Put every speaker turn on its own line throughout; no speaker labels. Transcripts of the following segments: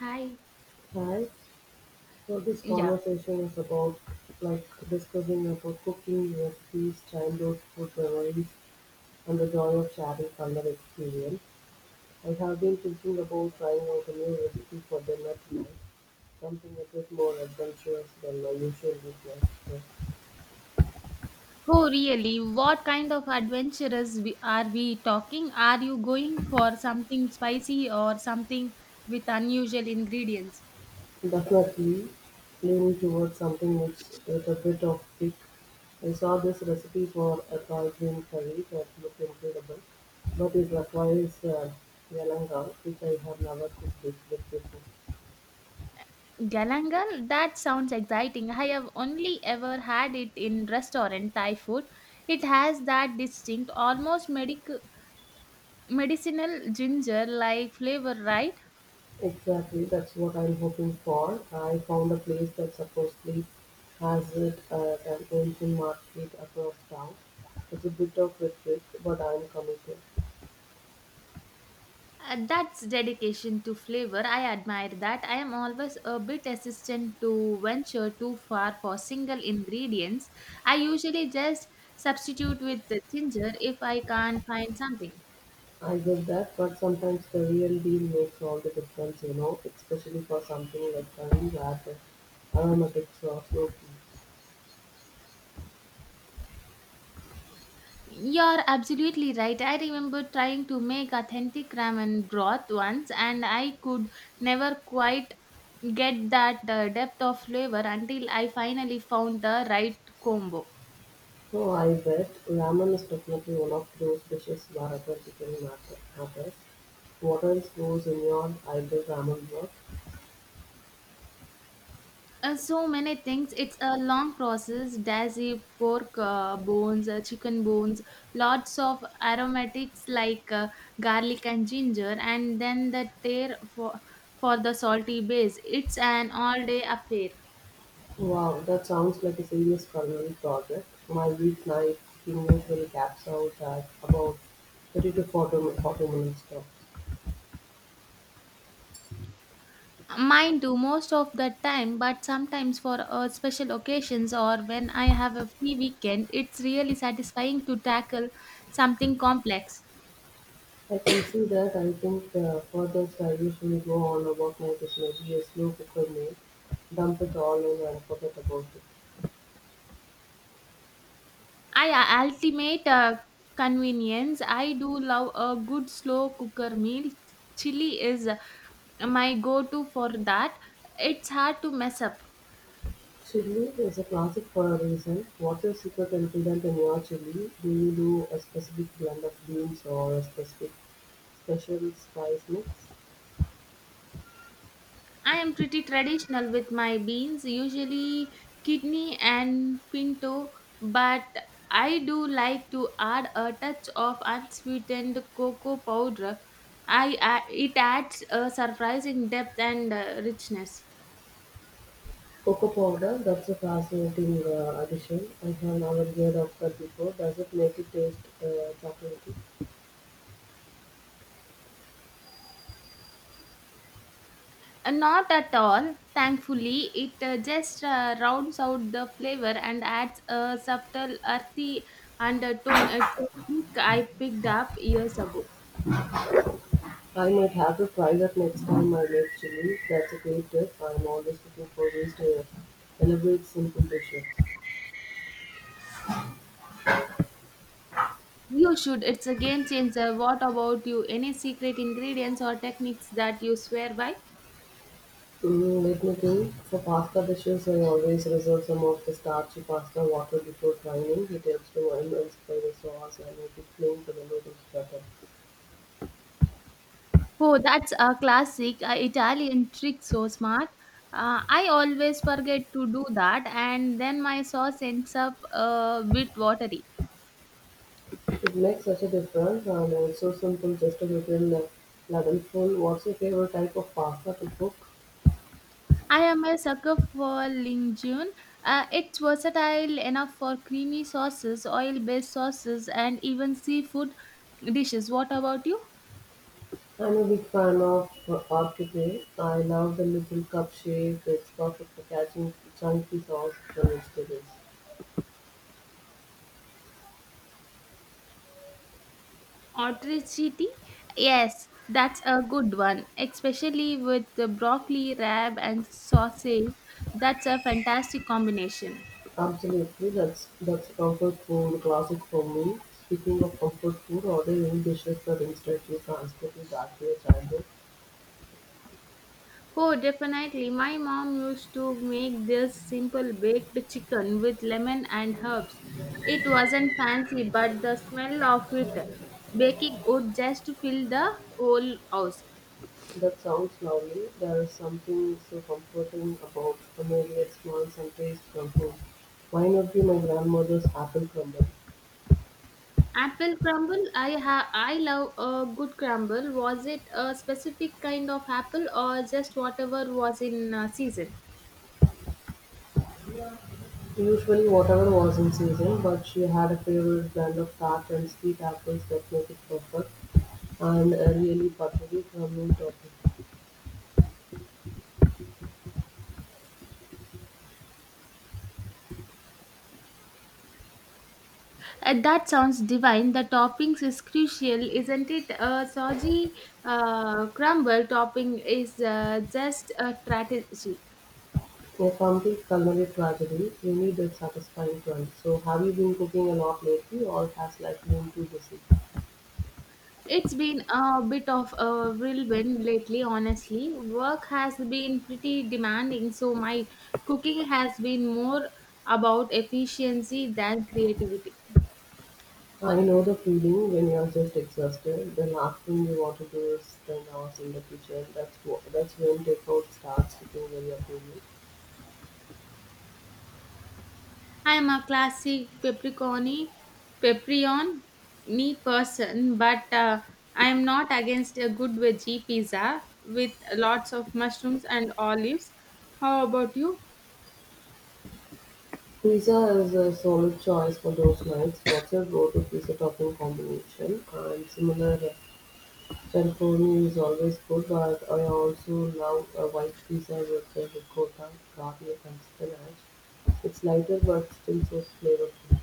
Hi.
Hi, so this
Yeah.
conversation is about like discussing about cooking recipes, childhood food memories, and the joy of sharing culinary experience. I have been thinking about trying out a new recipe for dinner tonight, something a bit more adventurous than my usual weakness.
Oh, really? What kind of adventurous are we talking? Are you going for something spicy or something with unusual ingredients?
Definitely leaning towards something mixed with a bit of kick. I saw this recipe for a Thai green curry that looked incredible, but it requires yelanga, which I have never cooked it with before.
Galangal, that sounds exciting. I have only ever had it in restaurant Thai food. It has that distinct, almost medicinal ginger like flavor, right?
Exactly, that's what I'm hoping for. I found a place that supposedly has it at an ancient market across town. It's a bit of a trick, but I'm committed.
That's dedication to flavor. I admire that. I am always a bit hesitant to venture too far for single ingredients. I usually just substitute with the ginger if I can't find something.
I get that, but sometimes the real deal makes all the difference, you know, especially for something like curry where the aromatics are so key.
You're absolutely right. I remember trying to make authentic ramen broth once, and I could never quite get that depth of flavor until I finally found the right combo.
So I bet ramen is definitely one of those dishes where matters. What else goes in your ideal ramen work?
So many things. It's a long process. Dashi, pork bones, chicken bones, lots of aromatics like garlic and ginger, and then the tear for the salty base. It's an all-day affair.
Wow, that sounds like a serious culinary project. My weeknight cooking will caps out at about 30 to 40 minutes though.
Mine too, most of the time, but sometimes for special occasions or when I have a free weekend, it's really satisfying to tackle something complex.
I can see that. I think for this I usually go on about my business, be a slow cooker meal, dump it all in and forget about it.
I ultimate convenience. I do love a good slow cooker meal. Chili is my go-to for that. It's hard to mess up.
Chili is a classic for a reason. What's your secret ingredient in your chili? Do you do a specific blend of beans or a specific special spice mix?
I am pretty traditional with my beans, usually kidney and pinto, but I do like to add a touch of unsweetened cocoa powder. I it adds a surprising depth and richness.
Cocoa powder, that's a fascinating addition. I have never heard of that before. Does it make it taste chocolatey?
Not at all. Thankfully, it just rounds out the flavor and adds a subtle earthy undertone. It's a trick I picked up years ago.
I might have to try that next time I make chili. That's a great tip. I'm always looking for ways to elaborate simple dishes.
You should. It's a game changer. What about you? Any secret ingredients or techniques that you swear by?
Mm, let me think. For pasta dishes, I always reserve some of the starchy pasta water before frying. It helps to enhance flavor sauce and make it plain for the noodles better.
Oh, that's a classic Italian trick. So smart. I always forget to do that, and then my sauce ends up a bit watery.
It makes such a difference and it's so simple, just a little ladleful. What's your favorite type of pasta to cook?
I am a sucker for linguine. It's versatile enough for creamy sauces, oil based sauces, and even seafood dishes. What about you?
I'm a big fan of Orchidea. I love the little cup shape. It's perfect for catching chunky sauce for vegetables.
Otricity? Yes, that's a good one, especially with the broccoli, rab, and sausage. That's a fantastic combination.
Absolutely, that's comfort food classic for me. Speaking of comfort food, ordering dishes that instantly transport you back to your childhood.
Oh, definitely. My mom used to make this simple baked chicken with lemon and herbs. It wasn't fancy, but the smell of it baking would just fill the whole house.
That sounds lovely. There is something so comforting about familiar smells and taste from home. Why not be my grandmother's apple crumble?
Apple crumble, I love a good crumble. Was it a specific kind of apple or just whatever was in season?
Usually whatever was in season, but she had a favorite blend of tart and sweet apples that make it perfect and a really buttery, creamy topping.
That sounds divine. The toppings is crucial, isn't it? A soggy crumble topping is just a strategy.
In a complete culinary tragedy, you need a satisfying crunch. So have you been cooking a lot lately or has life been too busy?
It's been a bit of a whirlwind lately, honestly. Work has been pretty demanding, so my cooking has been more about efficiency than creativity.
I know the feeling when you're just exhausted. The last thing you want to do is spend hours in the kitchen. That's when takeout starts hitting very appealing.
I am a classic pepperoni person, but I am not against a good veggie pizza with lots of mushrooms and olives. How about you?
Pizza is a solid choice for those nights. What's your go-to pizza topping combination? And similar. Pepperoni is always good, but I also love a white pizza with a ricotta, garlic, and spinach. It's lighter but still so flavorful.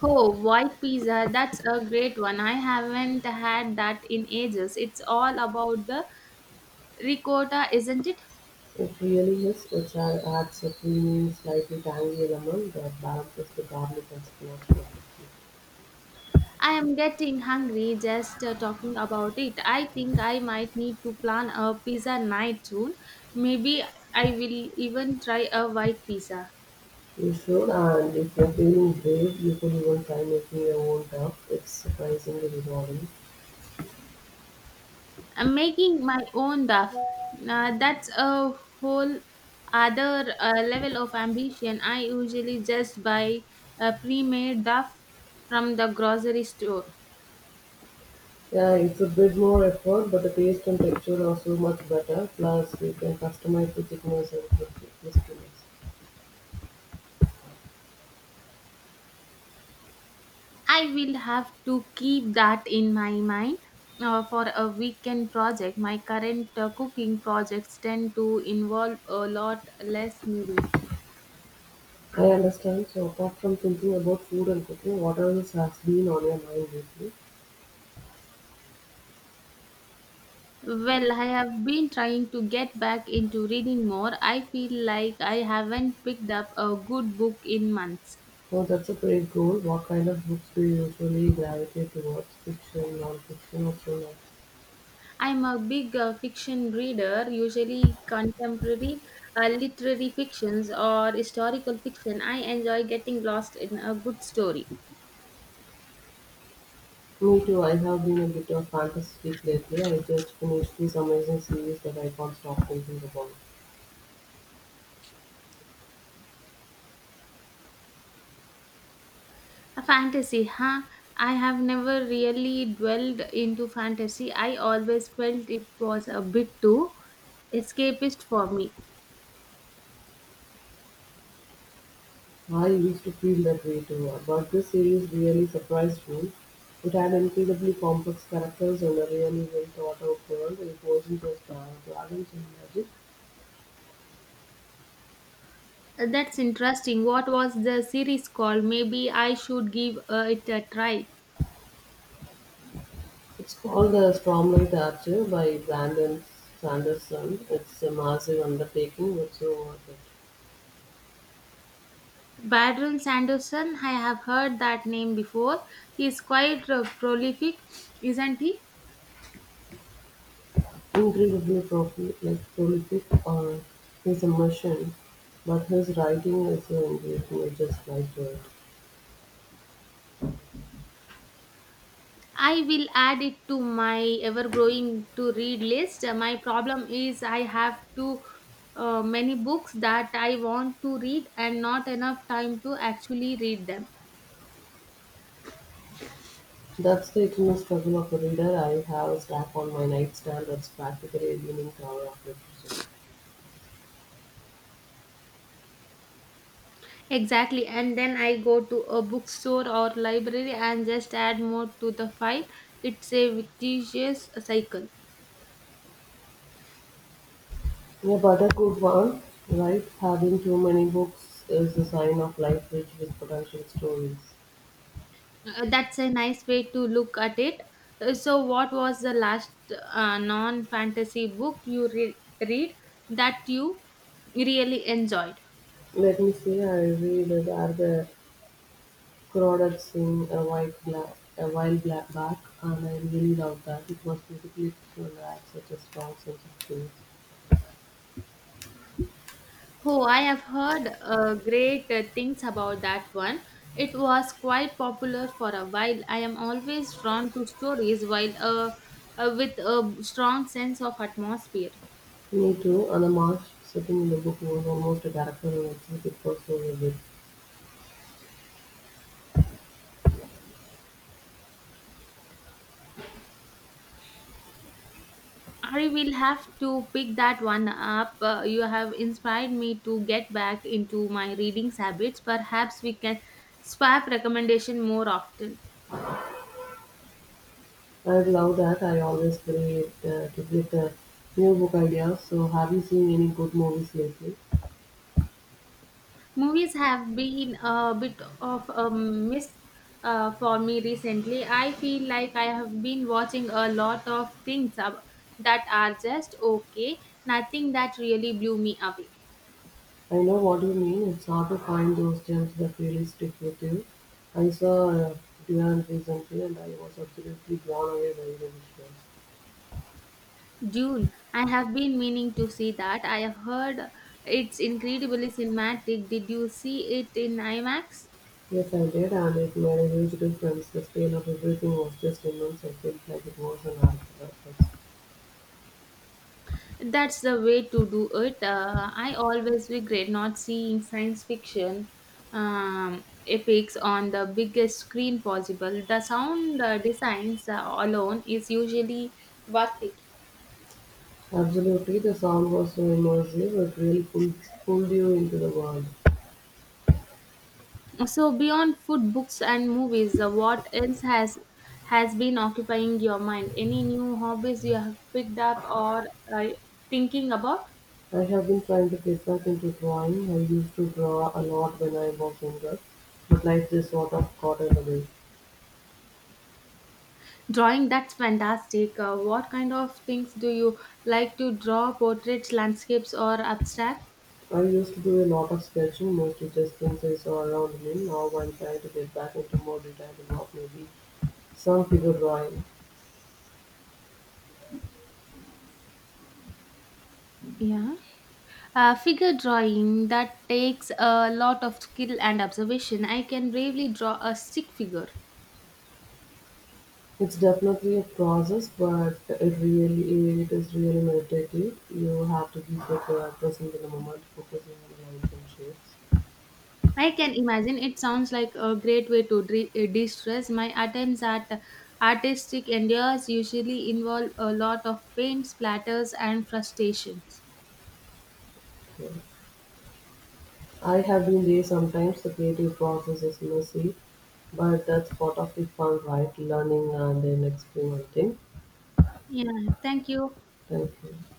Oh, white pizza, that's a great one. I haven't had that in ages. It's all about the ricotta, isn't it?
It really is. Adds a creamy, slightly tangy element that balances the garlic and spinach perfectly.
I am getting hungry just talking about it. I think I might need to plan a pizza night soon. Maybe I will even try a white pizza.
You should, and if you're feeling brave, you can even try making your own stuff. It's surprisingly rewarding.
I'm making my own duff. That's a whole other level of ambition. I usually just buy a pre made duff from the grocery store.
Yeah, it's a bit more effort, but the taste and texture are so much better. Plus, you can customize the thickness and crispiness.
I will have to keep that in my mind. For a weekend project, my current cooking projects tend to involve a lot less kneading.
I understand. So, apart from thinking about food and cooking, what else has been on your mind lately?
Well, I have been trying to get back into reading more. I feel like I haven't picked up a good book in months.
Oh, that's a great goal. What kind of books do you usually gravitate towards? Fiction, non-fiction, or thriller?
I'm a big fiction reader, usually contemporary literary fictions or historical fiction. I enjoy getting lost in a good story.
Me too. I have been a bit of fantasy freak lately. I just finished this amazing series that I can't stop thinking about.
A fantasy, huh? I have never really dwelled into fantasy. I always felt it was a bit too escapist for me.
I used to feel that way too. But this series really surprised me. It had incredibly complex characters and a really well thought out world. It wasn't just dragons and magic.
That's interesting. What was the series called? Maybe I should give it a try.
It's called The Stormlight Archer by Brandon Sanderson. It's a massive undertaking, but so worth it.
Badron Sanderson, I have heard that name before. He's quite prolific, isn't he?
Prolific on his immersion, but his writing is so engaging. I just like it.
I will add it to my ever growing to read list. My problem is I have too many books that I want to read and not enough time to actually read them.
That's the eternal struggle of a reader. I have a stack on my nightstand that's practically a leaning tower of literature.
Exactly. And then I go to a bookstore or library and just add more to the file. It's a vicious cycle.
Yeah, but a good one, right? Having too many books is a sign of life rich with potential stories.
That's a nice way to look at it. So, what was the last non fantasy book read that you really enjoyed?
Let me see, I read it are the Crawdad Sing a white black a while black back and I really loved that. It was beautifully written and had such a strong sense of place.
Oh, I have heard great things about that one. It was quite popular for a while. I am always drawn to stories while with a strong sense of atmosphere.
Me too, and the marsh sitting in the book was almost a character in itself. It was so vivid.
I will have to pick that one up. You have inspired me to get back into my reading habits. Perhaps we can swap recommendation more often.
I love that. I always pray it to get new book ideas. So, have you seen any good movies lately?
Movies have been a bit of a miss for me recently. I feel like I have been watching a lot of that are just okay, nothing that really blew me away.
I know what you mean. It's hard to find those gems that really stick with you. I saw Dune recently and I was absolutely blown away by the visuals.
Dune, I have been meaning to see that. I have heard it's incredibly cinematic. Did you see it in IMAX?
Yes, I did, and it made a huge difference. The scale of everything was just immense. I felt like it was an art performance.
That's the way to do it. I always regret not seeing science fiction epics on the biggest screen possible. The sound designs alone is usually worth it.
Absolutely, the sound was so immersive. Pulled you into the world.
So beyond food, books, and movies, what else has been occupying your mind? Any new hobbies you have picked up or uh, thinking about?
I have been trying to get back into drawing. I used to draw a lot when I was younger, but life just sort of got in the way.
Drawing, that's fantastic. What kind of things do you like to draw? Portraits, landscapes, or abstract?
I used to do a lot of sketching, mostly just things I saw around me. Now I'm trying to get back into more detailed work, maybe some figure drawing.
Yeah. Figure drawing that takes a lot of skill and observation. I can bravely draw a stick figure.
It's definitely a process, but it is really meditative. You have to be so present in the moment, focusing on the lines and shapes.
I can imagine it sounds like a great way to de-stress. My attempts at artistic endeavors usually involve a lot of paint, splatters, and frustrations.
Yeah. I have been there sometimes the creative process is messy, but that's part of the fun, right? Learning and then experimenting.
Yeah, thank you.
Thank you.